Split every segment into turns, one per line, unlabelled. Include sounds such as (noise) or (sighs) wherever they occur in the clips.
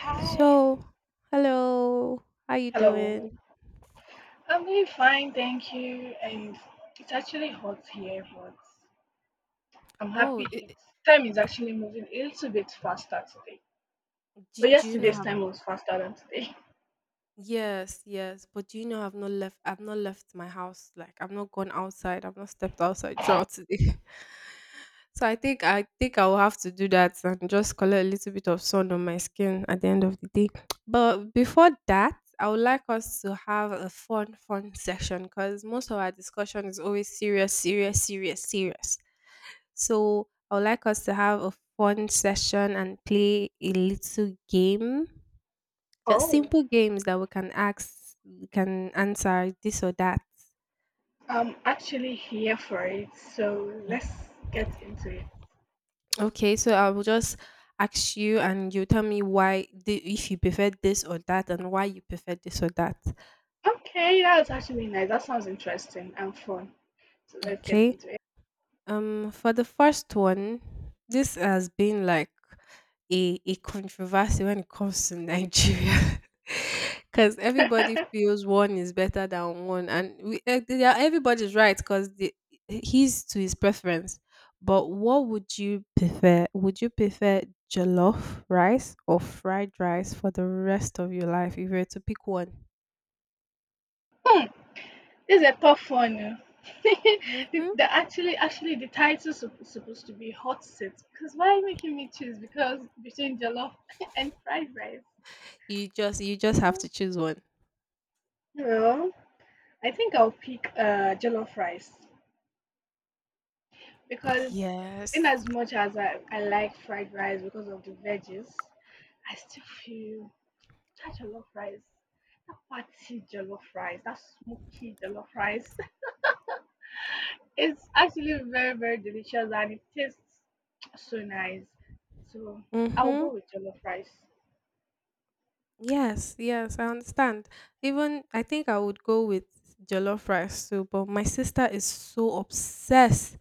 Hi.
So, Hello. How you
Hello.
doing?
I'm doing fine, thank you. And it's actually hot here, but I'm
Oh,
happy it's time is
it,
actually moving a little bit faster today.
do,
But
do you know
yesterday's
have
time was faster than today.
yes, yes, but do you know I've not left my house. Like I've not gone outside. I've not stepped outside throughout today. (laughs) So I think I will have to do that and just collect a little bit of sun on my skin at the end of the day. But before that, I would like us to have a fun section because most of our discussion is always serious. So I would like us to have a fun session and play a little game.
(laughs)
Just
Oh.
simple games that we can ask, we can answer this or that.
I'm actually here for it, so let's
Mm.
get into it.
Okay, so I will just ask you and you tell me why the, if you prefer this or that and why you prefer this or that.
Okay, that's actually nice. That sounds interesting and fun. So let's get
Okay.
into
For the first one, this has been like a controversy when it comes to Nigeria, (laughs) because everybody
it.
feels one is better than one, and we, eh, they are- everybody's right because he's to his preference. But what would you prefer? Would you prefer jollof rice or fried rice for the rest of your life if you were to pick one?
(laughs) This is a tough one. (laughs) Oh. the,
Hmm.
the actually, actually, the title is supposed to be hot seat. Because why are you making me choose? Because between jollof (laughs) and fried rice.
You just have
Well,
to choose one.
well, I think I'll pick jollof rice because
Yes.
in as much as I like fried rice because of the veggies, I still feel that jollof rice, that fatty jollof rice, that smoky jollof rice, it's actually very, very delicious and it tastes so nice. So I'll
Mm-hmm.
go with jollof rice.
Yes, yes, I understand. Even I think I would go with jollof rice too, but my sister is so obsessed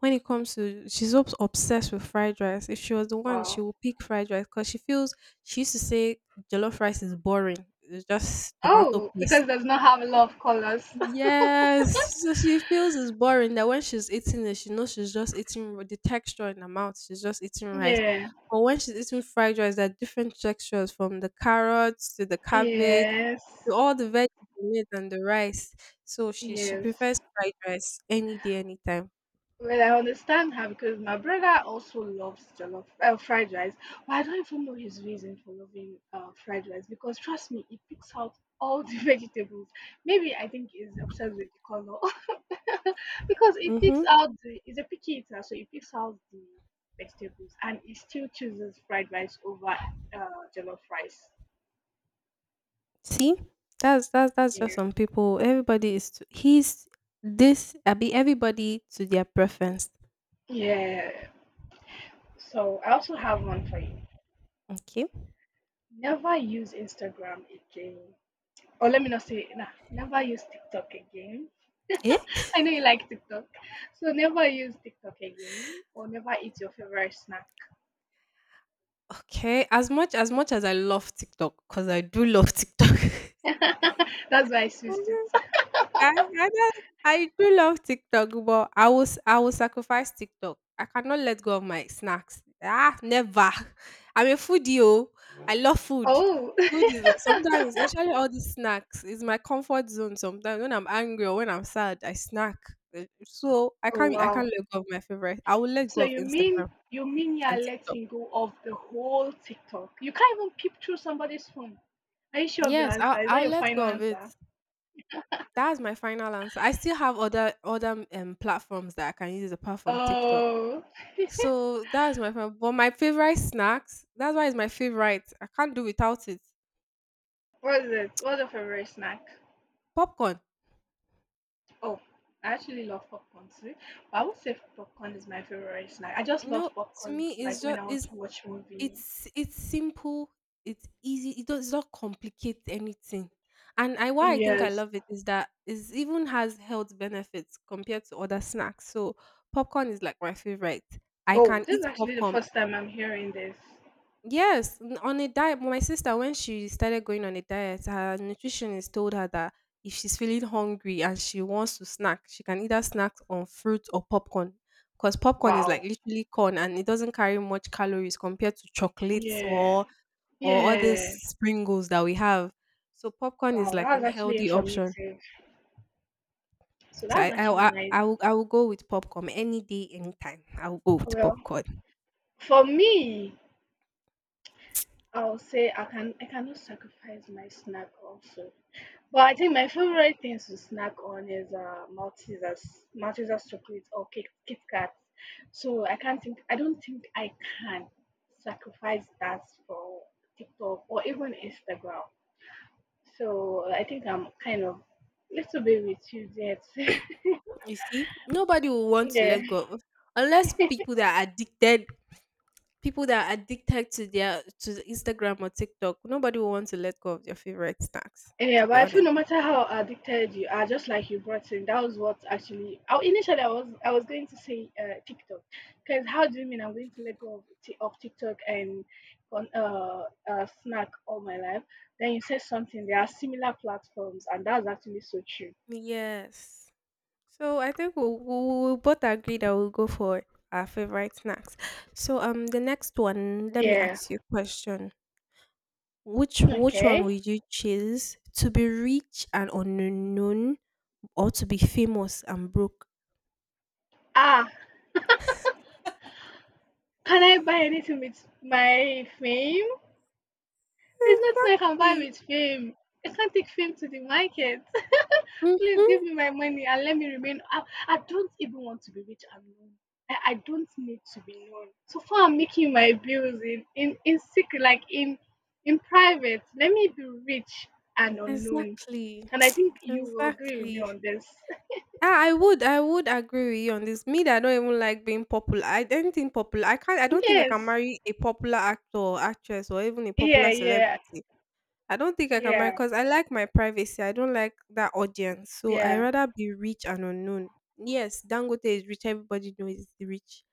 when it comes to obsessed with fried rice. If she was the one, she
Wow.
would pick fried rice because she feels she used to say jollof rice is boring. It's just tomato
Oh, because
paste.
it does not have a lot of colors.
Yes, so she feels it's boring that when she's eating it, she knows she's just eating r- the texture in her mouth. She's just eating
(laughs)
rice.
Yeah.
But when she's eating fried rice, there are different textures from the carrots to the cabbage
Yes.
to all the veggies in it and the rice. So she
Yes.
prefers fried rice any day, anytime.
Well, I understand her because my brother also loves jollof fried rice. But I don't even know his reason for loving fried rice because trust me, he picks out all the (laughs) vegetables. Maybe I think he's obsessed with the color. (laughs) (laughs) Because it
Mm-hmm.
picks out the, it's a picky eater, so it picks out the vegetables and it still chooses fried rice over jollof rice.
See, that's just
Yeah.
some people. Everybody is to, he's this. I be everybody to their preference.
Yeah. So I also have one for you.
Okay.
Never use Instagram again. Or let me not say nah, never use TikTok again. (laughs)
Eh?
I know you like TikTok. So never use TikTok again or never eat your favorite snack.
Okay. As much as much as I love TikTok, cause I do love TikTok.
(laughs) That's why I switched
(laughs)
it.
I I don't- I do love TikTok, but I will sacrifice TikTok. I cannot let go of my snacks. Ah, never. (laughs) I'm a foodie. Oh. I love food.
Oh. (laughs)
Food is like, sometimes, especially all these snacks, is my comfort zone. Sometimes when I'm angry or when I'm sad, I snack. Eh, so
Oh
I
wow.
can't let go of my favorite. I will let go
So
of
you
Instagram
mean you mean you're
and TikTok.
letting go of the whole TikTok? You can't even peep through somebody's phone. Are you sure of your
Yes,
answer? Is that
I'll
your
let
final
go of it.
answer?
That's my final answer. I still have other platforms that I can use apart from TikTok.
Oh, (laughs)
So that's my favorite. But my favorite snacks, that's why it's my favorite. I can't do without it.
what is it? What's your favorite snack?
Popcorn.
Oh, I actually love popcorn too, but I would say popcorn is my favorite snack. I just love
No, to
popcorn,
me
like when I want
it's
to watch movie.
it's simple, it's easy, it does not complicate anything. And I why I think I
Yes.
love it is that it even has health benefits compared to other snacks. So popcorn is like my favorite. I
Oh,
can
this is
eat
actually the
popcorn
first time I'm hearing this.
yes, n- on a diet. My sister, when she started going on a diet, her nutritionist told her that if she's feeling hungry and she wants to snack, she can either snack on fruit or popcorn. Because popcorn is like
Wow.
literally corn and it doesn't carry much calories compared to chocolates
Yeah.
or other
Yeah.
sprinkles that we have. So popcorn is
Wow,
like
that was
an
actually
healthy option.
informative. So
So
that was actually nice.
I will go with popcorn any day, anytime. I will go with
Well,
popcorn.
for me, I'll say I can, I cannot sacrifice my snack also. But I think my favorite things to snack on is Maltesers, Maltesers chocolate or Kit Kat. So I can't think, I don't think I can sacrifice that for TikTok or even Instagram. So I think I'm kind of little bit with you yet.
You see, nobody will
(laughs)
want to
Yeah.
let go of unless people that are addicted people that are addicted to their to Instagram or TikTok, nobody will want to let go of their favorite snacks,
Yeah,
to be
but I feel
honest.
no matter how addicted you are, just like you brought in, that was what actually. Initially, I was going to say TikTok, because how do you mean I'm going to let go of TikTok and on snack all my life? Then you said something. There are similar platforms, and that's actually so true.
Yes. So I think we'll both agree that we'll go for our favorite snacks. So the next one, let me
Yeah.
ask you a question. Which one
Okay.
would you choose, to be rich and unknown, or to be famous and broke?
Ah, can I buy anything with my fame? It's not like I can buy
Exactly.
with fame. I can't take fame to the market. Please
Mm-hmm.
give me my money and let me remain. I don't even want to be rich and known. I don't need to be known. So far, I'm making my bills in secret, like in private. Let me be rich and unknown.
Exactly.
And I
(tsk)
think you will agree with me
Exactly.
on this. (laughs)
Ah, I would agree with you on this. Me that I don't even like being popular. I don't think popular. I don't think I can
Yes.
marry a popular actor or actress or even a popular
Yeah. Yeah.
celebrity. I don't think I can marry
Yeah.
because I like my privacy. I don't like that audience. So I
Yeah.
rather be rich and unknown. Yes, Dangote is rich, everybody knows he's rich.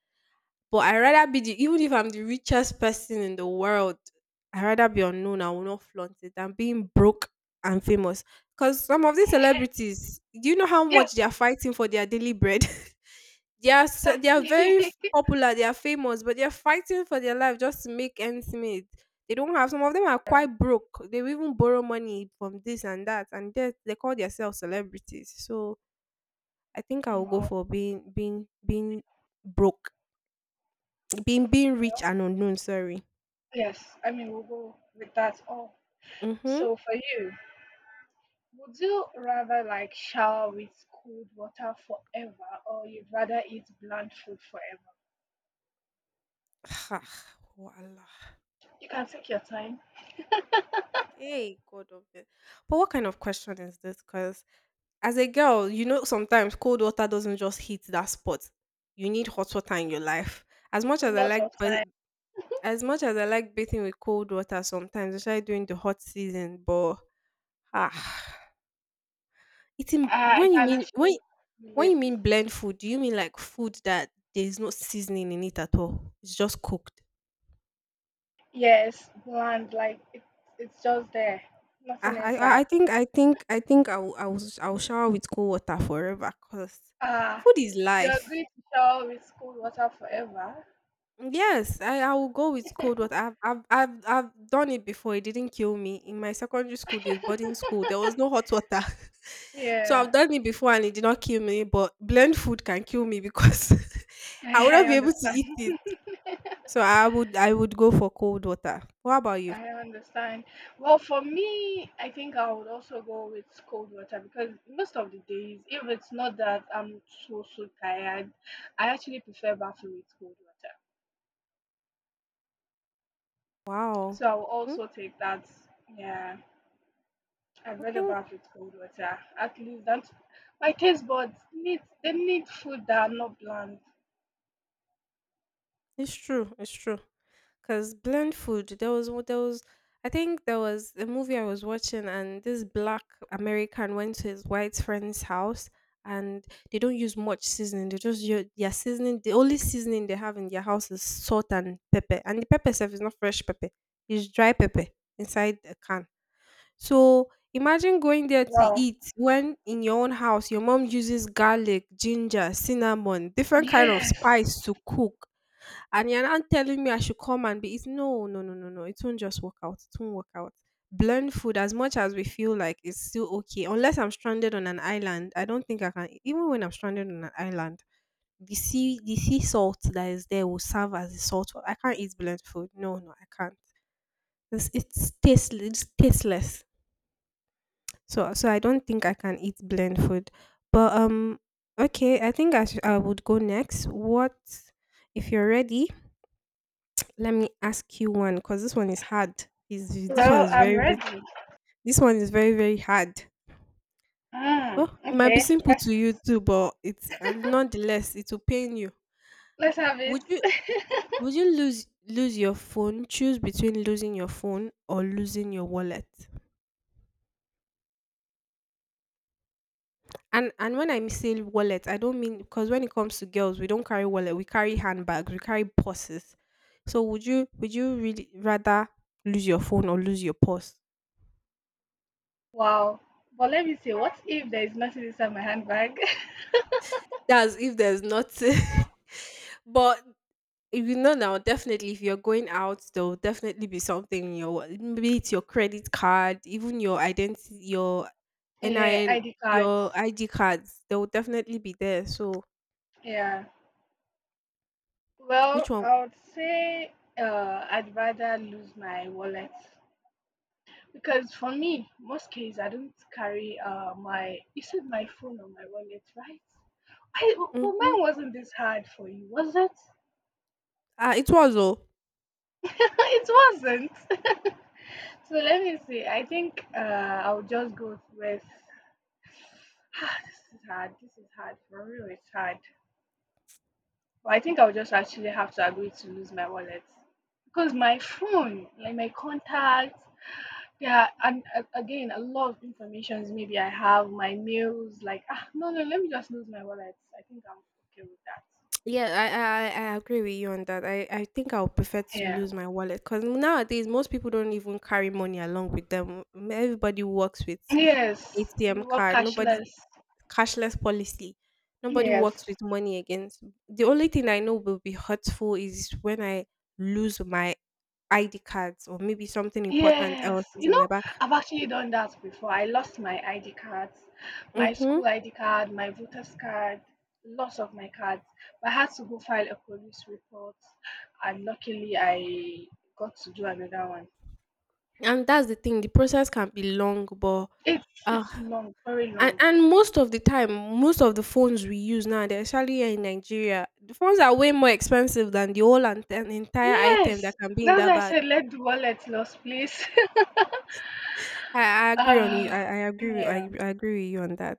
But I rather be the even if I'm the richest person in the world, I rather be unknown. I will not flaunt it than being broke and famous. Because some of these celebrities, do you know how much
Yes.
they are fighting for their daily bread? (laughs) They are
Exactly.
very f-
(laughs)
popular, they are famous, but they are fighting for their life just to make ends meet. They don't have some of them are quite broke. They will even borrow money from this and that, and they call themselves celebrities. So I think I will go
Wow.
for being broke. Being rich and unknown, sorry.
Yes. I mean, we'll go with that. Oh.
Mhm.
So for you. Would you rather like shower with cold water forever or you'd rather eat bland food forever?
(sighs) Wallah.
You can take your time.
Hey, God of it. But what kind of question is this? Because as a girl, you know sometimes cold water doesn't just hit that spot. You need hot water in your life. As much
A
as I
lot
like,
of
but
time.
as much as I like bathing with cold water sometimes, especially during the hot season, but ah, eating
I can actually
when
relate.
you mean blend food, do you mean like food that there's no seasoning in it at all? It's just cooked.
Yes, bland, like it's just there. Nothing inside.
I will shower with cold water forever because
Ah,
food is
you
life.
agree to shower with cold water forever?
Yes, I will go with cold water. I've done it before. It didn't kill me in my secondary school days, boarding school. There was no hot water, (laughs) so I've
Yeah,
done it before and it did not kill me. But blend food can kill me because
(laughs)
(laughs) I would not
I
be able to
understand.
eat it. So I would go for cold water. What about you?
I understand. Well, for me, I think I would also go with cold water because most of the days, if it's not that I'm so tired, I actually prefer bathing with cold water.
Wow.
So I will
Hmm,
also take that. Yeah, I'd
I
rather
think
bath with cold water. At least that my taste buds need, they need food that are not bland.
it's true. It's true. Cause blend food. There was I think there was a movie I was watching and this black American went to his white friend's house and they don't use much seasoning. They just use their seasoning. The only seasoning they have in their house is salt and pepper. And the pepper itself is not fresh pepper. It's dry pepper inside a can. So imagine going there to
Wow.
eat when in your own house your mom uses garlic, ginger, cinnamon, different kind of
Yes.
spice to cook and you're now telling me I should come and be it's no. It won't just work out. It won't work out. Blend food as much as we feel like it's still okay. Unless I'm stranded on an island, I don't think I can even when I'm stranded on an island, the sea salt that is there will serve as a salt. Wa- I can't eat blend food. No, no, I can't. It's tasteless. So so I don't think I can eat blend food. But okay, I think I would go next. What if you're ready? Let me ask you one because this one is hard. Is this one
Well,
is
I'm
very, very
ready.
this one is very very hard.
Mm,
Oh, it might be
okay.
simple to you too, but it's nonetheless it will pain you.
Let's have it.
Would you
(laughs)
would you lose Lose your phone? Choose between losing your phone or losing your wallet. And when I say wallet, I don't mean because when it comes to girls, we don't carry wallet. We carry handbags. We carry purses. So would you really rather lose your phone or lose your purse?
Wow. But let me say, what if there is nothing inside my handbag? (laughs)
That's if there's nothing. (laughs) but if you know now, definitely, if you're going out, there will definitely be something in your wallet. Maybe it's your credit card, even your identity, your
Yeah,
NIN,
ID
your
cards.
ID cards. They will definitely be there. So,
Yeah.
which
Well,
one?
I would say I'd rather lose my wallet because for me, most cases I don't carry my. You said my phone or my wallet, right? I, but mine
Mm-hmm.
wasn't this hard for you, was it?
It was all.
(laughs) It wasn't. (laughs) So let me see. I think I'll just go with. (sighs) Ah, this is hard. This is hard for real. It's hard. But I think I'll just actually have to agree to lose my wallet because my phone, like my contacts, yeah, and again, a lot of informations maybe I have, my mails, like, ah, no, no, let me just lose my wallet. I think I'm okay with that.
Yeah, I agree with you on that. I think I would prefer to
Yeah.
lose my wallet because nowadays most people don't even carry money along with them. Everybody works with
Yes,
ATM
we were
card. Nobody
cashless.
cashless policy. Nobody
Yes.
works with money against. The only thing I know will be hurtful is when I lose my ID cards or maybe something important
Yes,
else is
you
in
know,
my bag.
I've actually done that before. I lost my ID cards, my
Mm-hmm.
school ID card, my voter's card, lots of my cards. But I had to go file a police report, and luckily I got to do another one.
And that's the thing. The process can be long, but
It's
uh,
it's long, very
and,
long.
and most of the time, most of the phones we use now, they're especially here in Nigeria. The phones are way more expensive than the whole an entire
Yes,
item that can be in
that's
that
why I
bag.
said let the wallet lost, please. (laughs)
I agree on you. I,
uh,
I agree. With,
yeah.
I, I agree with you on that.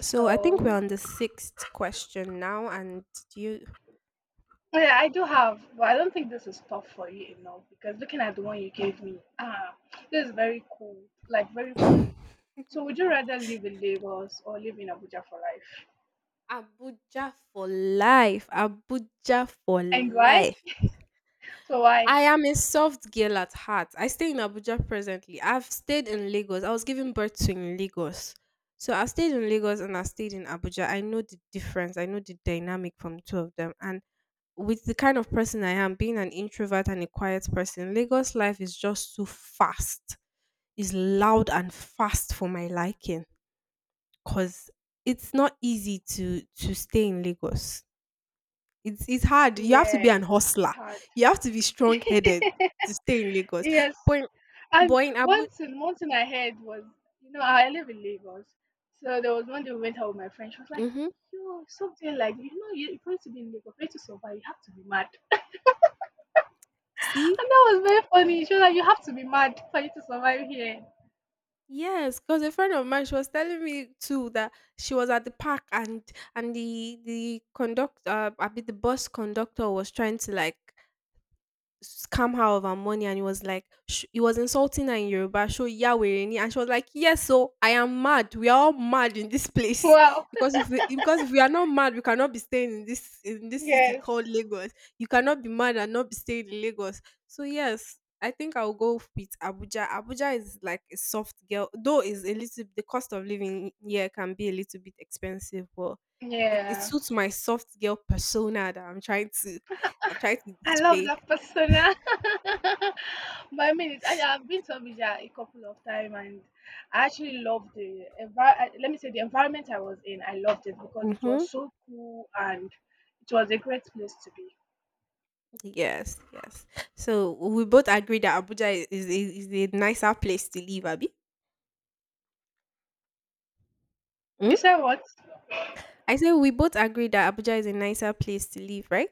So I think we're on the sixth question now, and you
oh yeah, I do have, but I don't think this is tough for you enough because looking at the one you gave me, ah, this is very cool, like very
(laughs) Abuja
cool. So would you rather live in Lagos or live in Abuja for life?
for life. Abuja for
And why?
life.
So why?
I am a soft girl at heart. I stay in Abuja presently. I've stayed in Lagos. I was giving birth to in Lagos. So I stayed in Lagos and I stayed in Abuja. I know the difference. I know the dynamic from the two of them. And with the kind of person I am, being an introvert and a quiet person, Lagos life is just too fast. It's loud and fast for my liking, 'cause it's not easy to stay in Lagos. It's hard. You have to
Yeah,
be an
it's
hustler.
hard.
You have to be strong-headed to stay in Lagos.
Yes.
But in-
And
but in Abu
one thing I heard was, you know, I live in Lagos. So there was one day we went out with my friend. She was like,
Mhm.
yo, something like, you know, you, are going to be in Lagos, for you to survive, you have to be mad.
See?
And that was very funny. She was like, you have to be mad for you to survive here.
Yes, cause a friend of mine, she was telling me too that she was at the park and the bus conductor was trying to like scam her of her money, and he was like he was insulting her in Yoruba, show Yawereni, and she was like, yes, so I am mad, we are all mad in this place.
Wow.
(laughs) Because if we are not mad, we cannot be staying in this city
Yes.
called Lagos. You cannot be mad and not be staying in Lagos. So yes, I think I'll go with Abuja. Abuja is like a soft girl, though is a little, the cost of living here can be a little bit expensive, but it
Yeah.
suits my soft girl persona that I'm trying to
I love
display.
that persona. (laughs) But I mean, it's, I've been to Abuja a couple of times, and I actually loved the environment. Let me say, the environment I was in, I loved it because it
Mm-hmm.
was so cool and it was a great place to be.
Yes, yes. So we both agree that Abuja is a nicer place to live, Abby. Mm?
You said what?
I say we both agree that Abuja is a nicer place to live, right?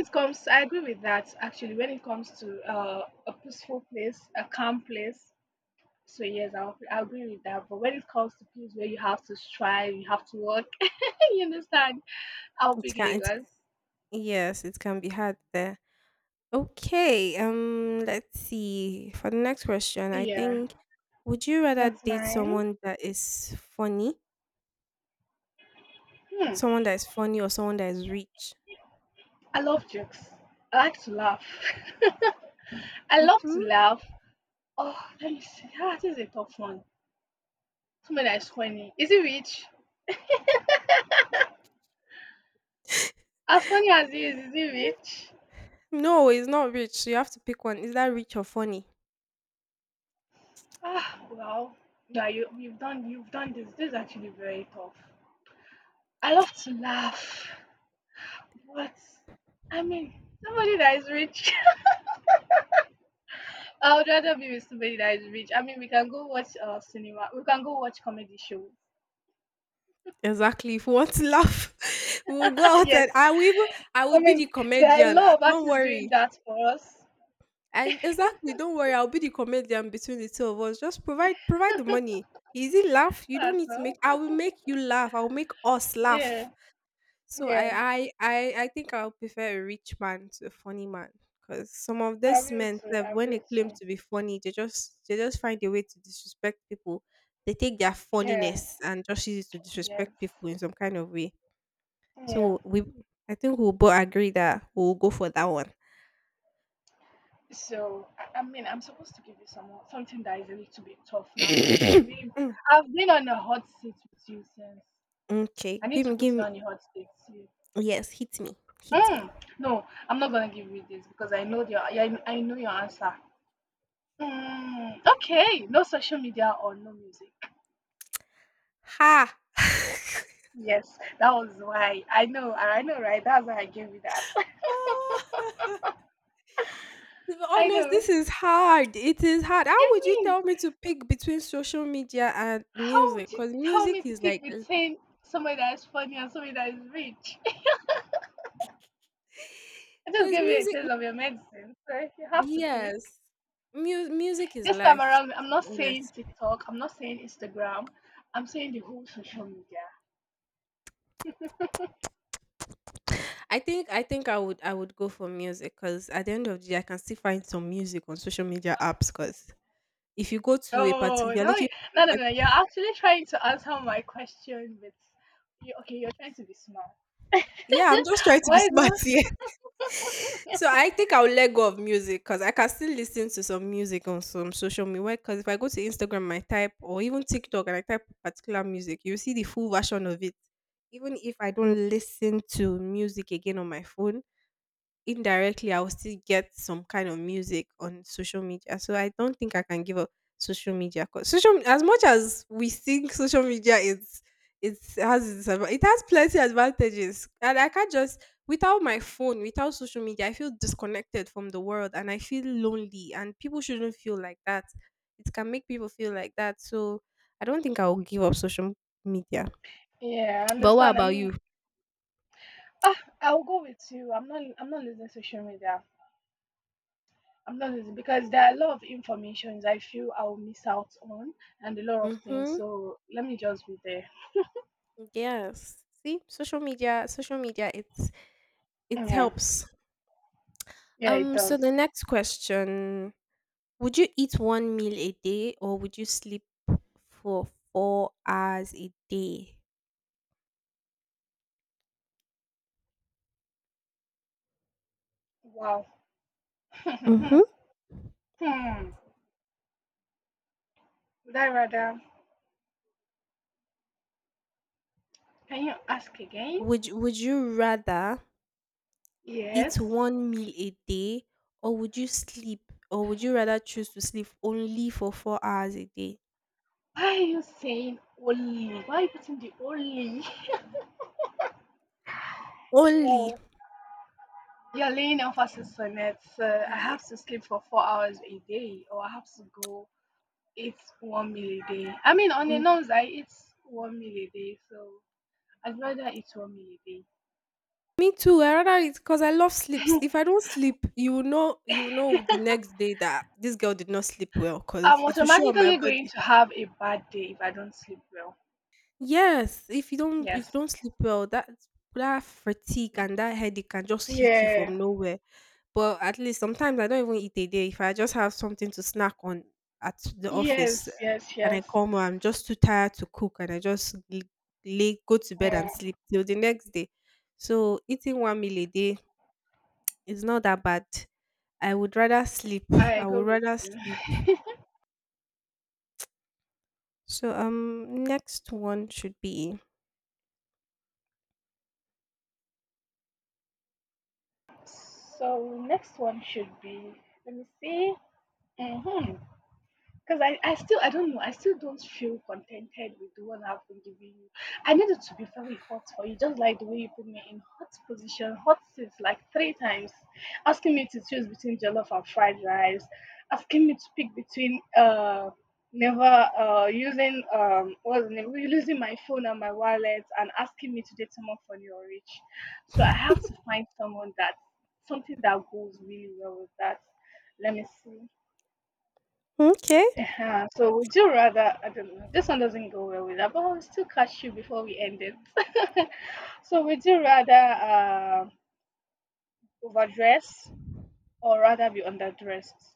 It comes. I agree with that. Actually, when it comes to a peaceful place, a calm place, so yes, I agree with that. But when it comes to place where you have to strive, you have to work, (laughs) you understand? I'll
It
pick
can it,
Lagos.
yes, it can be hard there. Okay, let's see. For the next question, I
Yeah,
think, would you rather
that's
date
mine.
someone that is funny?
Hmm.
Someone that is funny or someone that is rich?
I love jokes. I like to laugh. (laughs) I love to
Hmm.
laugh. Oh, let me see. Ah, this is a tough one. Somebody that is funny. Is it rich?
(laughs)
As funny as he is he rich?
No, it's not rich. You have to pick one. Is that rich or funny?
Ah, well, yeah, you've done this. This is actually very tough. I love to laugh. What? I mean, somebody that is rich. (laughs) I would rather be with somebody that is rich. I mean, we can go watch cinema. We can go watch comedy shows.
Exactly. If we want to laugh, (laughs) we'll go
(laughs)
out and
Yes.
I
I
will be
mean,
the
there are a
comedian. Ah,
lot of
don't
artists doing
worry.
that for us.
I exactly don't worry, I'll be the comedian between the two of us. Just provide the money. Easy laugh. You don't
That's
need to make,
all.
I will make you laugh. I'll make us laugh.
Yeah.
So I
Yeah.
I I, I think I'll prefer a rich man to a funny man. Because some of
I
these
will
men
too.
sef,
I
when they
will
claim
too.
to be funny, they just find a way to disrespect people. They take their
Yeah.
funniness and just use it to
Yes.
disrespect people in some kind of way.
Yeah.
So I think we'll both agree that we'll go for that one.
So I mean, I'm supposed to give you some something that is a little bit tough now because you've
(coughs)
been
Mm,
I've been on a hot seat with you since.
okay,
I need
give
to
me, give
put you
me.
on the hot seat.
Yes, hit me, hit me.
Mm, no, I'm not gonna give you this because I know your I know your answer. Mm, okay, no social media or no music.
Ha!
Yes, that was why I know right. That's why I gave you that.
Ah,
(laughs)
(laughs) to be
I
honest, this
know.
is hard. It is hard. How would you
Yummy.
tell me to pick between social media and
How
music?
would you
Because
tell
music
me to
is like,
pick between somebody that is funny and somebody that is rich? (laughs) I just
because
gave you a
music,
taste of your medicine, so you have to pick.
yes, music is
This time
life.
around, I'm
To
not
be
saying
honest,
TikTok. I'm not saying Instagram. I'm saying the whole social media.
I would go for music, because at the end of the day, I can still find some music on social media apps. Because if you go to a party, if
Oh,
you're
now
looking for
no, no,
a
no.
party,
You're actually trying to answer my question with, you, okay, you're trying to be smart. (laughs)
yeah, I'm just trying to be
Why
smart
do?
here. (laughs) So I think I'll let go of music because I can still listen to some music on some social media. Because if I go to Instagram, I type, or even TikTok and I type particular music, you see the full version of it. Even if I don't listen to music again on my phone, indirectly I will still get some kind of music on social media. So I don't think I can give up social media, 'cause social as much as we think social media is, it's has its it has plenty advantages. And I can't just, without my phone, without social media, I feel disconnected from the world and I feel lonely, and people shouldn't feel like that. It can make people feel like that. So I don't think I will give up social media.
Yeah, I
But what
understand. I
about
mean,
you?
ah, I'll go with you. I'm not. I'm not losing social media. I'm not losing because there are a lot of informations I feel I'll miss out on and a lot of things.
Mm-hmm.
So let me just be there.
Yes. See, social media, it's, it
Yeah.
helps.
Yeah, it
So the
does.
next question, would you eat one meal a day or would you sleep for 4 hours a day?
Wow. (laughs) Hmm.
Mm-hmm.
Would I rather? Can you ask again?
Would you rather eat
Yes.
one meal a day, or would you sleep, or would you rather choose to sleep only for 4 hours a day?
Why are you saying only? Why are you putting the only?
Only.
Oh, you're laying emphasis on it. So I
Yeah.
have to sleep for 4 hours a day, or I have to go eat one meal a day. I mean, on the norms, I eat one meal a day, so I'd rather eat one meal a day.
Me too. I rather it, because I love sleep. If I don't sleep, you will know the next day that this girl did not sleep well,
I'm
because it will show on my
automatically going
body.
to have a bad day if I don't sleep well.
Yes, if
Yes.
you don't sleep well, that, that fatigue and that headache can just hit you from
Yeah.
nowhere. But at least sometimes I don't even eat a day. If I just have something to snack on at the office,
Yes, yes,
and I
yes.
come home, I'm just too tired to cook and I just l- lay go to bed
Yeah.
and sleep till the next day. So eating one meal a day, it's not that bad. I would rather sleep.
I
I
go
would
with
rather sleep.
you. (laughs)
So next one should be
So next one should be, let me see. Mm-hmm. Because I still, I don't know, I still don't feel contented with the one I've been giving you. I need it to be very hot for you, just like the way you put me in hot position, hot seats like three times, asking me to choose between jollof and fried rice, asking me to pick between never using what's the name losing my phone and my wallet and asking me to date someone funny or rich. So I have to find someone that, something that goes really well with that. Let me see.
okay.
Uh-huh. So would you rather? I don't know. This one doesn't go well with that, but I'll still catch you before we end it. (laughs) So would you rather overdress or rather be underdressed?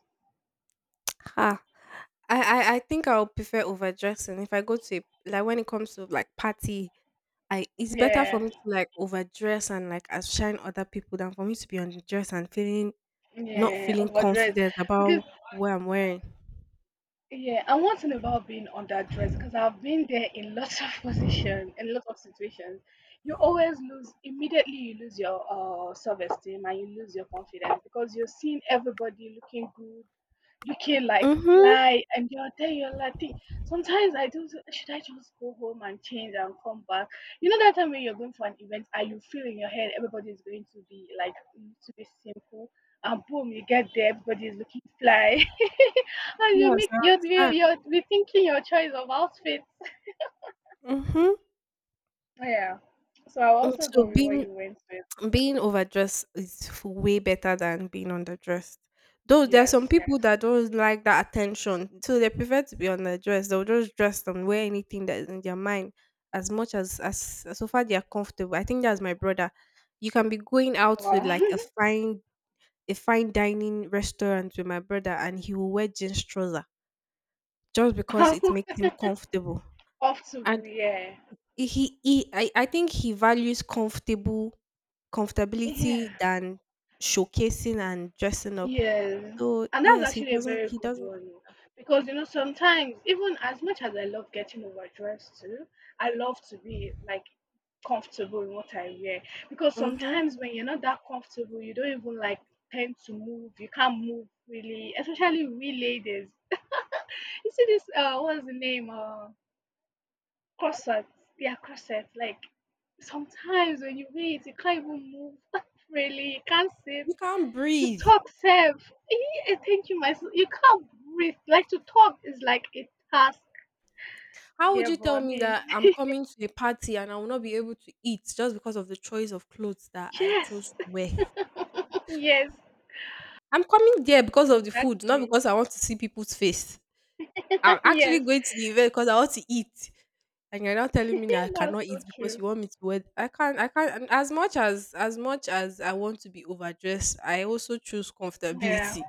Ha. I think I'll prefer overdressing if I go to a, like when it comes to like party. I, it's better for
Yeah,
me to like overdress and like outshine other people, than for me to be underdressed and feeling, not
yeah,
feeling
overdressed.
confident
Because,
about what I'm wearing.
yeah, and one thing about being underdressed, because I've been there in lots of (laughs) positions, in lots of situations, you always lose, immediately you lose your self-esteem and you lose your confidence because you're seeing everybody looking good, looking like
Mm-hmm.
fly, and you're there, you're like, sometimes I do, say, should I just go home and change and come back? You know that time when you're going for an event and you feel in your head everybody is going to be like, to be simple, and boom, you get there, everybody is looking fly. (laughs) No, you
Yes,
make
I
you're you're
understand.
you're rethinking your choice of outfit.
Mm-hmm.
Yeah. So I'll also
So
go with what
being
you went with.
being overdressed is way better than being underdressed. Though there are
Yes,
some people
yes.
that don't like that attention, so they prefer to be underdressed. They'll just dress and wear anything that is in their mind, as much as so far they are comfortable. I think that's my brother. You can be going out to like a
Wow.
fine dining restaurant with my brother, and he will wear jeans trouser just because it makes
(laughs)
him comfortable.
Off to,
And
yeah.
I think he values comfortable comfortability
Yeah.
than showcasing and dressing up.
Yes.
So
And that's
yes, he
actually a
doesn't
very
he
good
doesn't
one. Oh, Because you know, sometimes even as much as I love getting overdressed too, I love to be like comfortable in what I wear. Because
Hmm.
sometimes when you're not that comfortable, you don't even like tend to move, you can't move really, especially we ladies. (laughs) You see this what's the name corset, yeah, corset, like sometimes when you wear it you can't even move. (laughs) Really, you can't sit
You can't
to
breathe.
talk self. I think you, myself, you can't breathe, like to talk is like a task.
How would
Yeah,
you
but
tell
I
me
mean,
that I'm coming to a party and I will not be able to eat just because of the choice of clothes that
(laughs)
I
yes,
chose to wear?
(laughs) yes,
I'm coming there because of the food, not
exactly.
because I want to see people's face. I'm
(laughs)
actually
Yes.
going to the event because I want to eat. And you're not telling me that
(laughs)
I
That's
cannot eat
so
because
true.
you want me to wear, I can't, I can't. And as much as I want to be overdressed, I also choose
Yeah,
comfortability.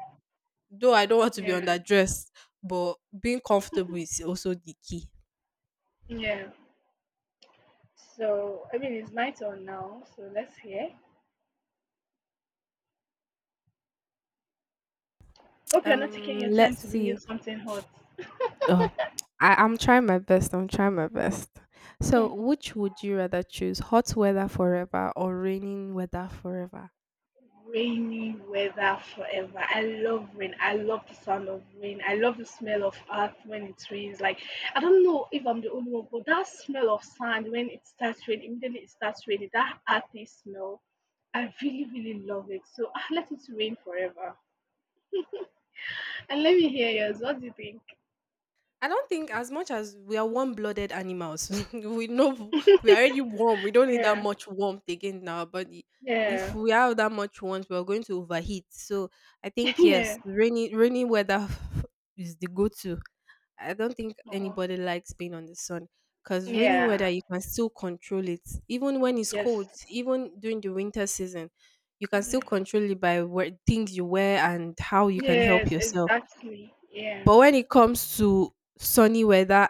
Though I don't want to be
yeah,
underdressed, but being comfortable is also the key.
yeah. So I mean it's my turn now, so let's hear, hope you're not taking your time
Let's
to bring
see.
in something hot.
Ugh. I'm trying my best. I'm trying my best. So which would you rather choose? Hot weather forever or raining weather forever?
Rainy weather forever. I love rain. I love the sound of rain. I love the smell of earth when it rains. Like, I don't know if I'm the only one, but that smell of sand when it starts raining, immediately it starts raining, that earthy smell. I really, really love it. So ah, let it rain forever. And let me hear yours. What do you think?
I don't think, as much as we are warm-blooded animals, (laughs) we know we are already warm. We don't need that
Yeah.
much warmth again in our body. If
Yeah.
we have that much warmth, we're going to overheat. So I think
(laughs)
yes,
Yeah.
rainy weather (laughs) is the go-to. I don't think
Uh-huh.
anybody likes being on the sun, because rainy weather
Yeah.
you can still control it. Even when it's
Yes.
cold, even during the winter season, you can still
Yeah.
control it by where, things you wear and how you can help
Yes,
yourself.
exactly. Yeah.
But when it comes to sunny weather,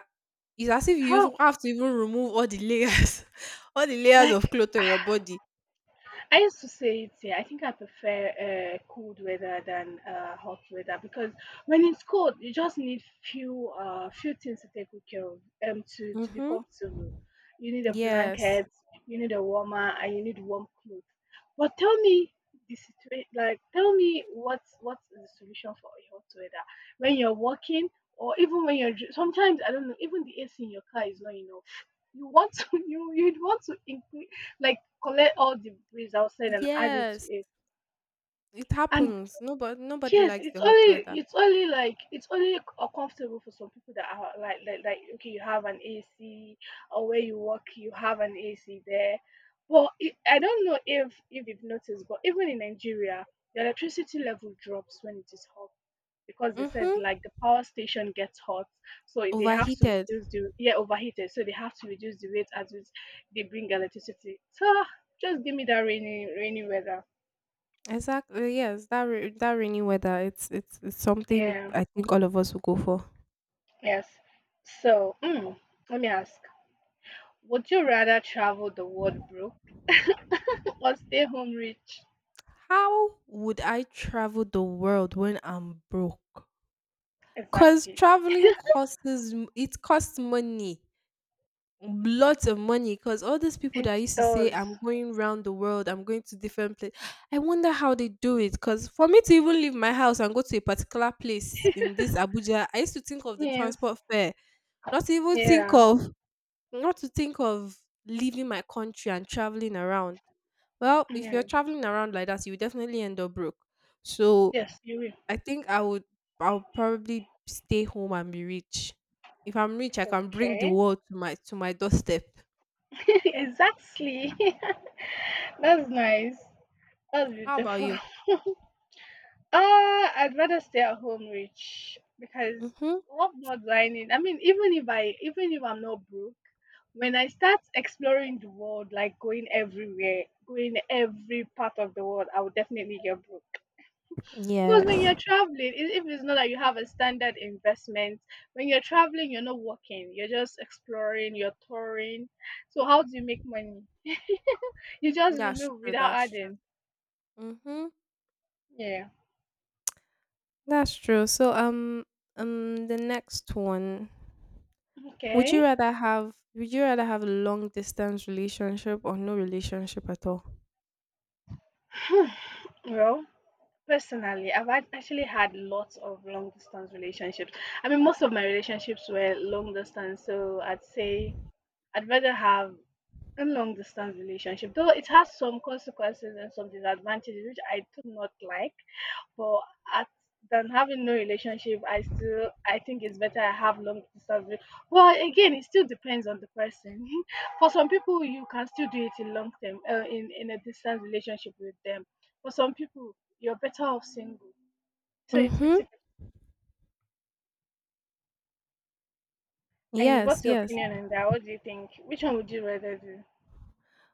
it's as if you
How?
even have to even remove all the layers, (laughs) all the layers of
Like,
cloth on your body.
I used to say it. Yeah, I think I prefer cold weather than hot weather, because when it's cold, you just need few few things to take good care of, to be
Mm-hmm.
comfortable. You need a
Yes.
blanket, you need a warmer, and you need warm clothes. But tell me the situation. Like, tell me what is the solution for a hot weather when you're walking or even when you're sometimes I don't know, even the AC in your car is not enough. You want to (laughs) you'd want to increase, like, collect all the breeze outside and add it to
Yes.
it.
It
And
happens. Nobody
yes,
likes
it's
the hot
only,
weather.
it's only, like it's only comfortable for some people that are like okay, you have an AC or where you work, you have an AC there. But it, I don't know if you've noticed, but even in Nigeria, the electricity level drops when it is hot because they said
Mm-hmm.
like the power station gets hot, so they have to
Overheated.
reduce the, yeah, overheated, so they have to reduce the rate at which they bring electricity. So ah, just give me that rainy rainy weather.
Exactly. Yes. That that rainy weather. It's something
Yeah.
I think all of us will go for.
Yes. So mm, let me ask: would you rather travel the world broke (laughs) or stay home rich?
How would I travel the world when I'm broke? Cause
Exactly.
traveling costs it costs money. Lots of money, because all these people
It
that used to say
does.
I'm going round the world, I'm going to different place, I wonder how they do it. Because for me to even leave my house and go to a particular place in this Abuja, I used to think of the
Yes.
transport fare, not to even think
Yeah.
of, not to think of leaving my country and traveling around. Well, if you're
Yeah.
traveling around like that, you definitely end up broke. So
Yes. You
I think I would I'll probably stay home and be rich. If I'm rich, I
will.
can bring the
Okay.
world to my doorstep.
(laughs) Exactly. (laughs) That's nice. That's
How about
beautiful.
you?
(laughs) Uh, I'd rather stay at home rich because
Mm-hmm.
what more do I need? I mean, even if I, even if I'm not broke, when I start exploring the world, like going everywhere, going every part of the world, I will definitely get broke. Because when you're
Yes.
traveling, if it's not that you have a standard investment, when you're traveling, you're not working, you're just exploring, you're touring. So how do you make money? You just
That's
remove
true.
without
That's true.
adding.
Mm-hmm.
Yeah.
That's true. So the next one.
Okay.
Would you rather have a long distance relationship or no relationship at all?
Well, personally, I've had actually had lots of long distance relationships. I mean, most of my relationships were long distance, so I'd say I'd rather have a long distance relationship, though it has some consequences and some disadvantages which I do not like. But at, than having no relationship, I still, I think it's better I have long distance. Well, again, it still depends on the person. (laughs) For some people, you can still do it in long term, in a distance relationship with them. For some people, you're better off single, so it's 50
Mm-hmm.
fifty. And
Yes,
what's your
yes.
opinion on that? What do you think? Which one would you rather do?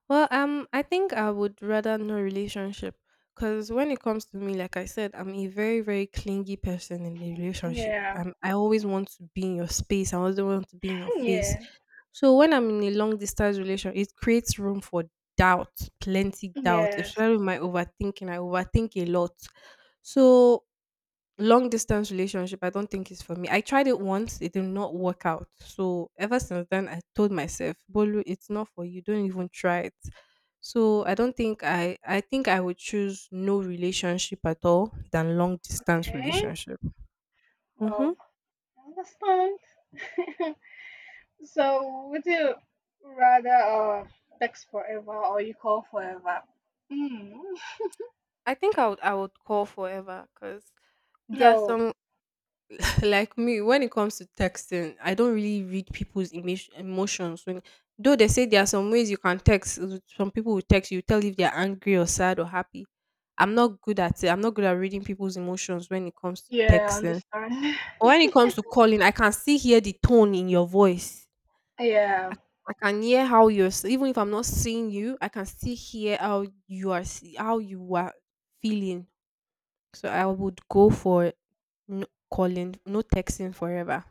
Well, I think I would rather no relationship, because when it comes to me, like I said, I'm a very, very clingy person in the relationship.
Yeah.
I always want to be in your space. I always want to be in your face.
Yeah.
So when I'm in a long distance relation, it creates room for doubt, plenty doubt,
Yes.
especially with my overthinking. I overthink a lot. So long distance relationship, I don't think is for me. I tried it once, it did not work out. So ever since then, I told myself, Bolu, it's not for you, don't even try it. So I don't think I think I would choose no relationship at all than long distance
Okay.
relationship. Hmm.
Well, I understand. (laughs) So would you rather text forever or you call forever? Mm.
I would call forever because there are
No.
some, like me, when it comes to texting, I don't really read people's image, emotions, when, though they say there are some ways you can text, some people will text you, tell if they're angry or sad or happy. I'm not good at it, I'm not good at reading people's emotions when it comes to
Yeah, I
texting.
understand.
But when it comes to calling, I can see hear the tone in your voice.
(laughs)
i,
Yeah.
I can hear how you're even if I'm not seeing you, I can still hear how you are how you are feeling. So I would go for no calling, no texting forever,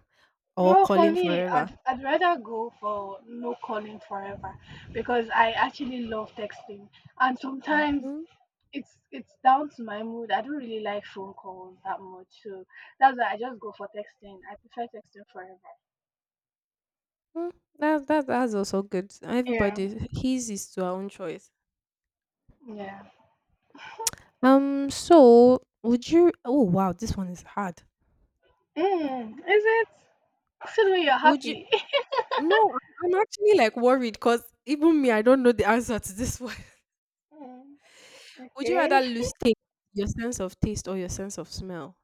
or
Well, for
calling
me,
forever.
I'd rather go for no calling forever because I actually love texting. And sometimes
Mhm,
it's down to my mood. I don't really like phone calls that much, so that's why I just go for texting. I prefer texting forever.
mm That, that's also good.
Yeah,
Everybody his is to our own choice.
yeah.
So would you, oh wow, this one is hard.
Mm, is it? Still when you're
Would you
happy. (laughs)
No, I'm actually like worried, because even me, I don't know the answer to this one. (laughs)
Mm,
Would you
okay.
rather lose taste, your sense of taste or your sense of smell?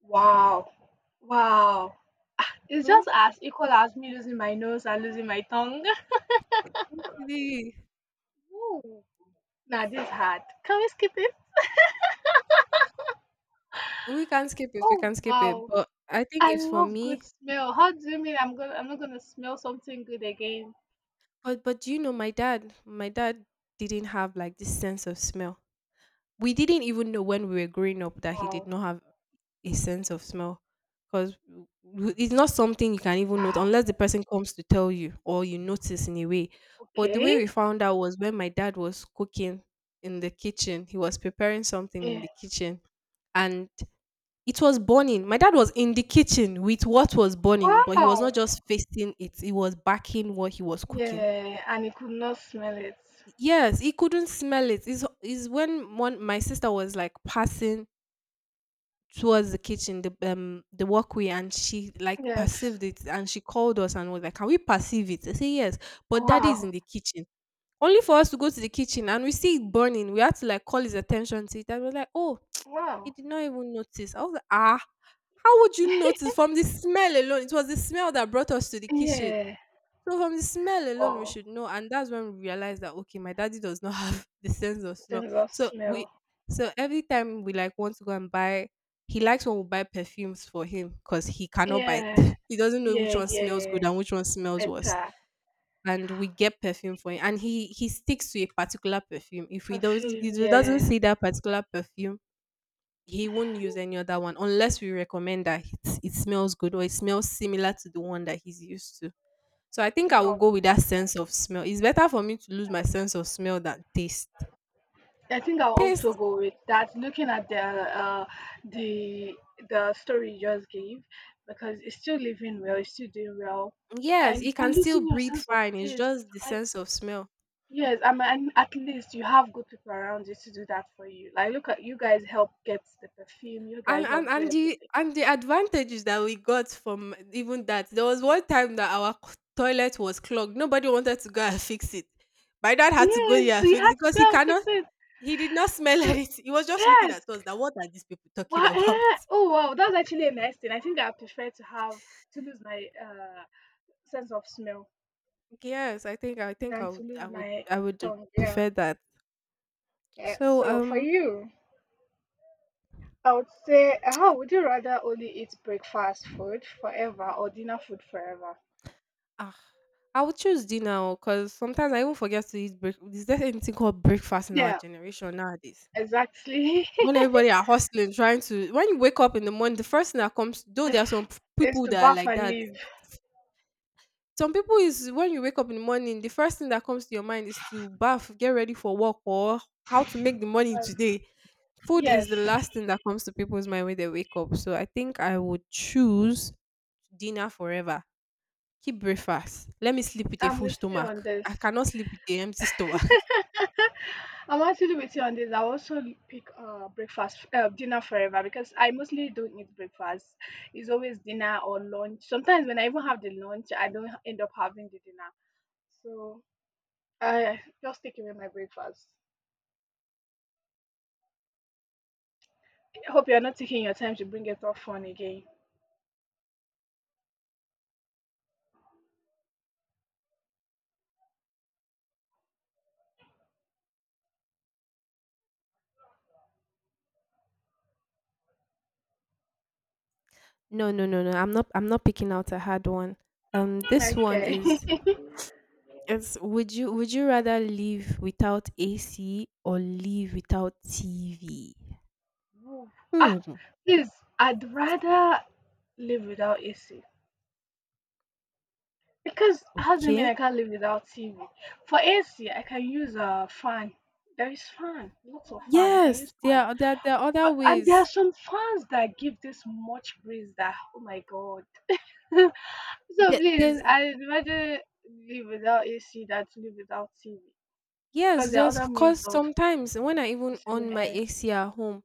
Wow, wow. It's
Hmm?
just as equal as me losing my nose and losing my tongue.
Okay.
Ooh. Nah, this is hard. Can we skip it?
We can skip it, we can
Oh
skip it.
wow.
But I think
I
it's for
love
me,
good smell. How do you mean I'm gonna, I'm not gonna smell something good again?
but do you know my dad? My dad didn't have like this sense of smell. We didn't even know when we were growing up that he did
Wow.
not have a sense of smell, because it's not something you can even note
Wow.
unless the person comes to tell you or you notice in a way. But the way
Okay.
we found out was when my dad was cooking in the kitchen. He was preparing something in
Yeah.
the kitchen, and it was burning. My dad was in the kitchen with what was burning, but he was not
Wow!
just facing it; he was backing what he was cooking.
Yeah, and he could not smell it.
Yes, he couldn't smell it. Is when one my sister was like passing towards the kitchen, the walkway, and she like
Yes.
perceived it, and she called us and was like, "Can we perceive it?" I say yes, but daddy is
Wow.
in the kitchen. Only for us to go to the kitchen, and we see it burning. We had to like call his attention to it, and we're like, "Oh, he
Wow.
did not even notice." I was like, "Ah, how would you notice from the smell alone?" It was the smell that brought us to the kitchen.
Yeah.
So from the smell alone, we
Wow.
should know, and that's when we realize that okay, my daddy does not have (laughs) the sense of smell.
Sense of
So we,
smell.
so every time we like want to go and buy, he likes when we buy perfumes for him because he cannot buy.
Yeah.
(laughs) he doesn't know which
Yeah,
one smells
yeah.
good and which one smells worse,
Better.
and we get perfume for him, and he sticks to a particular perfume. If
Perfume,
he doesn't
yeah.
see that particular perfume. He won't use any other one unless we recommend that it smells good or it smells similar to the one that he's used to. So I think I will
Wow.
go with that sense of smell. It's better for me to lose my sense of smell than taste.
I think I'll also
Taste,
go with that. Looking at the the story you just gave, because it's still living well, it's still doing well,
yes,
and
it
but
can still
losing your
breathe
sense of
fine. It's
taste,
just the
like,
sense of smell.
yes, I mean, at least you have good people around you to do that for you. Like, look at you guys help get the perfume, you
And,
guys help do everything.
and the advantages that we got from even that, there was one time that our toilet was clogged. Nobody wanted to go and fix it. My dad had to go
Yes,
there and
you
fix
had
it
to
because he
go and fix
cannot.
it.
He did not smell (laughs)
Because,
anything. He was just looking
yes,
at us. That what are these people
wow,
talking about?
eh, oh wow, that's actually a nice thing. I think I prefer to have to lose my sense of smell
Yes, I think
than
I
to
would
lose my
I would
tongue. Yeah,
prefer that.
yeah.
So
So for you, I would say, how would you rather only eat breakfast food forever or dinner food forever?
ah, I would choose dinner because sometimes I even forget to eat break. Is there anything called breakfast in our
Yeah,
generation nowadays?
exactly. (laughs)
When everybody are hustling, trying to, when you wake up in the morning, the first thing that comes. Though there
If
are some
it's
people
to
that are
bath
like
and
that.
leave.
Some people is when you wake up in the morning, the first thing that comes to your mind is to bath, get ready for work, or how to make the money
Um,
today. Food is the
yes,
last thing that comes to people's mind when they wake up. So I think I would choose dinner forever. Keep breakfast. Let me sleep with a
I'm
full
with you on
stomach.
this.
I cannot sleep with a empty stomach. (laughs)
(laughs) I'm actually with you on this. I also pick dinner forever because I mostly don't eat breakfast. It's always dinner or lunch. Sometimes when I even have the lunch, I don't end up having the dinner. So I just take away my breakfast. I hope you're not taking your time to bring it up phone again.
No, no, no, no. I'm not picking out a hard one. This one
Okay.
is,
(laughs)
it's would you rather live without AC or live without TV?
Ah,
Hmm.
please, I'd rather live without AC. Because how do you mean
Okay.
I can't live without TV? For AC, I can use a fan. There is fan, lots of fan. I can use
Yes,
fan,
there are there are other
but, and there are
ways.
some fans that give this much breeze that, oh my god. (laughs) So
There,
please,
there's
I imagine, live without AC than to live without TV,
yes,
because there are other
just
means
cause
of
sometimes when I even on
receiving
my
air.
AC at home,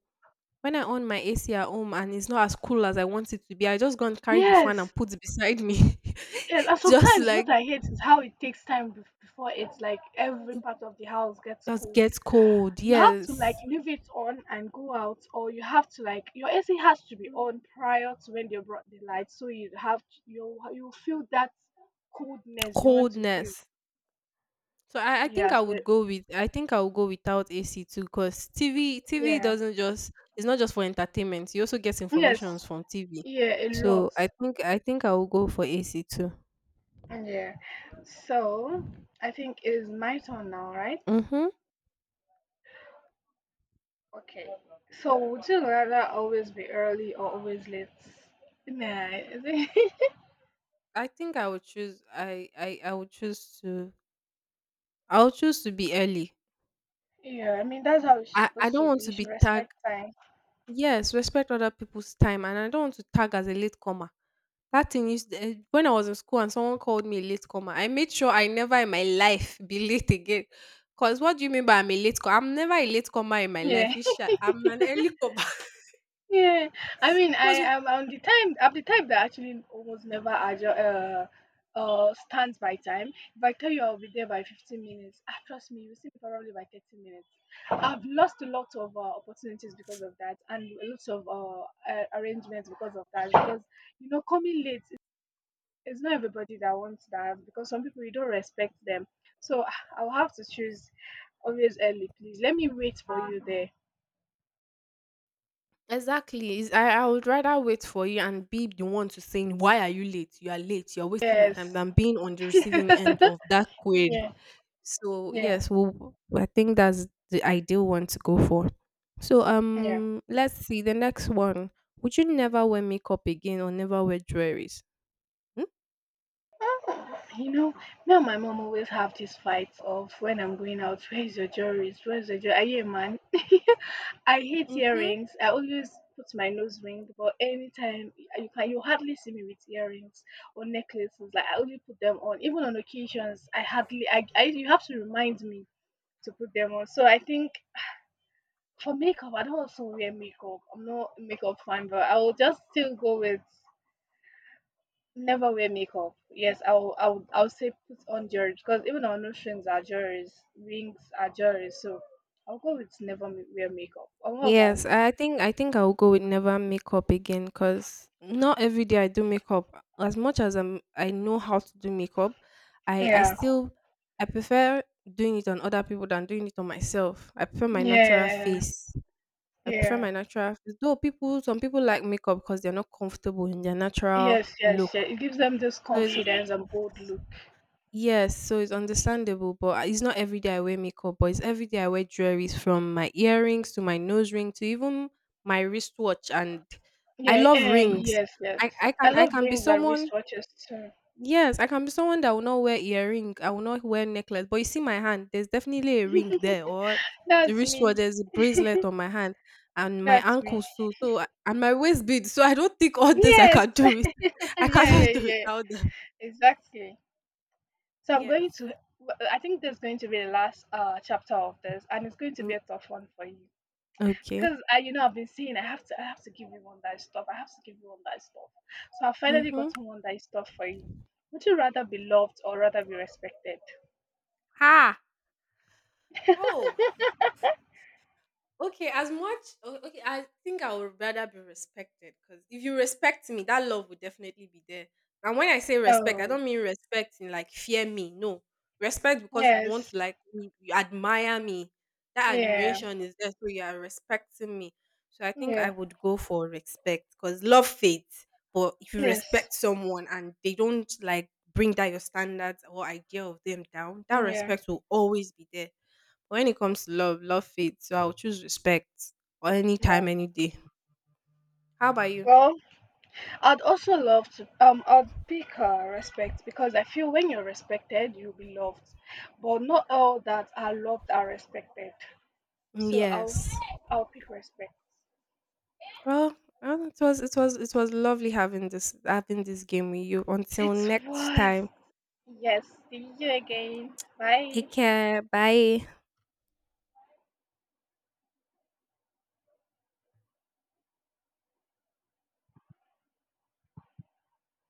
when I on my AC at home and it's not as cool as I want it to be, I just go and carry the fan
Yes,
and put it beside me,
yes, and
(laughs) just to,
sometimes
like,
what I hate is how it takes time before it's like every
it
part of the house gets
just
cold.
gets cold.
You have to like
Yes.
leave it on and go out, or you have to like your AC has to be on prior to when they brought the light, so you have to, you feel that coldness you want to feel.
Coldness. So I think I
Yes
would
it,
go with, I think I would go without AC too, because TV
yeah.
doesn't just, it's not just for entertainment. You also get
Yes,
informations from TV.
yeah, a lot.
So I think I will go for AC too.
Yeah. So I think it is my turn now, right?
Mm-hmm.
Okay. So would you rather always be early or always late? Nah. (laughs)
I think I would choose I would choose to I would choose to be early.
Yeah, I mean that's how it's
I
supposed
don't
to
want
be, you
to be
should
tagged.
respect time.
Yes, respect other people's time, and I don't want to tag as a late comer. That thing is eh, when I was in school and someone called me a late comer. I made sure I never in my life be late again. Cause what do you mean by I'm a late, I'm never a late comer in my life.
Yeah.
It's I'm an early comer.
Yeah, I mean,
(laughs)
I
Cause
am on the time. I'm the type that actually almost never stands by time. If I tell you I'll be there by 15 minutes, ah, trust me, you'll see me probably by 30 minutes. I've lost a lot of opportunities because of that, and a lot of arrangements because of that. Because you know, coming late, it's not everybody that wants that. Because some people you don't respect them. So ah, I'll have to choose always early, please. Let me wait for you there.
exactly. Is I would rather wait for you and be the one to saying, "Why are you late? You are late. You are wasting my
Yes.
time," than being on the
(laughs) Yeah.
receiving end of that query. So
Yeah,
yes, well, I think that's the ideal one to go for. So
yeah.
let's see the next one. Would you never wear makeup again or never wear jewelries? Hmm?
You know, me and my mom always have these fights of when I'm going out, where's your jewelries? Where's your jewelry? Are you a man? (laughs) I hate
Mm-hmm.
earrings. I always put my nose ring, but anytime you can, you hardly see me with earrings or necklaces. Like, I only put them on. Even on occasions, I hardly. I You have to remind me to put them on. So I think for makeup, I don't also wear makeup. I'm not a makeup fan, but I will just still go with never wear makeup. Yes, I'll say put on jewelry, because even our notions are jewelry, rings are jewelry. So I'll go with never wear makeup. Or what about
Yes,
you?
I I think I'll go with never makeup again because not every day I do makeup. As much as I know how to do makeup, I
Yeah,
still I prefer doing it on other people than doing it on myself. I prefer my natural
yeah,
face. I prefer
yeah.
my natural face. Though people, some people like makeup because they're not comfortable in their natural
Yes, yes, yeah.
look.
It gives them this
So it's
confidence and bold look.
yes, so it's understandable. But I- it's not every day I wear makeup. But it's every day I wear jewelries, from my earrings to my nose ring to even my wristwatch. And I
Yeah,
love
yeah,
rings.
yes, yes.
I
I
can
love
be
rings and
someone,
wristwatches too.
yes, I can be someone that will not wear earring. I will not wear necklace. But you see my hand, there's definitely a ring there, or the
That's
wristwatch,
me.
there's a bracelet on my hand, and my
That's me.
ankles too. So and my waist bead. So I don't think all this I
Yes.
can do it.
(laughs)
(laughs)
Yeah,
I
yeah,
cannot do it
yeah.
without them.
Exactly. So I'm
Yes.
going to. I think there's going to be the last chapter of this, and it's going to
Mm,
be a tough one for you
okay.
because I, you know, I've been saying I have to give you one that is tough. I have to give you one that is tough. So I've finally
Mm-hmm.
gotten one that is tough for you. Would you rather be loved or rather be respected?
Ah. Oh. Okay, as much okay, I think I would rather be respected, because if you respect me, that love will definitely be there. And when I say respect, I
Oh,
don't mean respect in like fear me. No, respect because you want
yes,
to like me, you admire me. That
yeah,
admiration is there, so you are respecting me. So I think I
yeah,
would go for respect because love fades. But if you
yes,
respect someone and they don't like bring that your standards or idea of them down, that
yeah.
respect will always be there. But when it comes to love, love fades. So I'll choose respect or any time,
Wow.
any day. How about you?
Well, I'd also love to. I'd pick respect, because I feel when you're respected, you'll be loved. But not all that are loved are respected. So
Yes.
I'll pick respect.
Well, it was it was lovely having this game with you. Until
It
next
was.
time.
Yes, see you again. Bye.
Take care. Bye.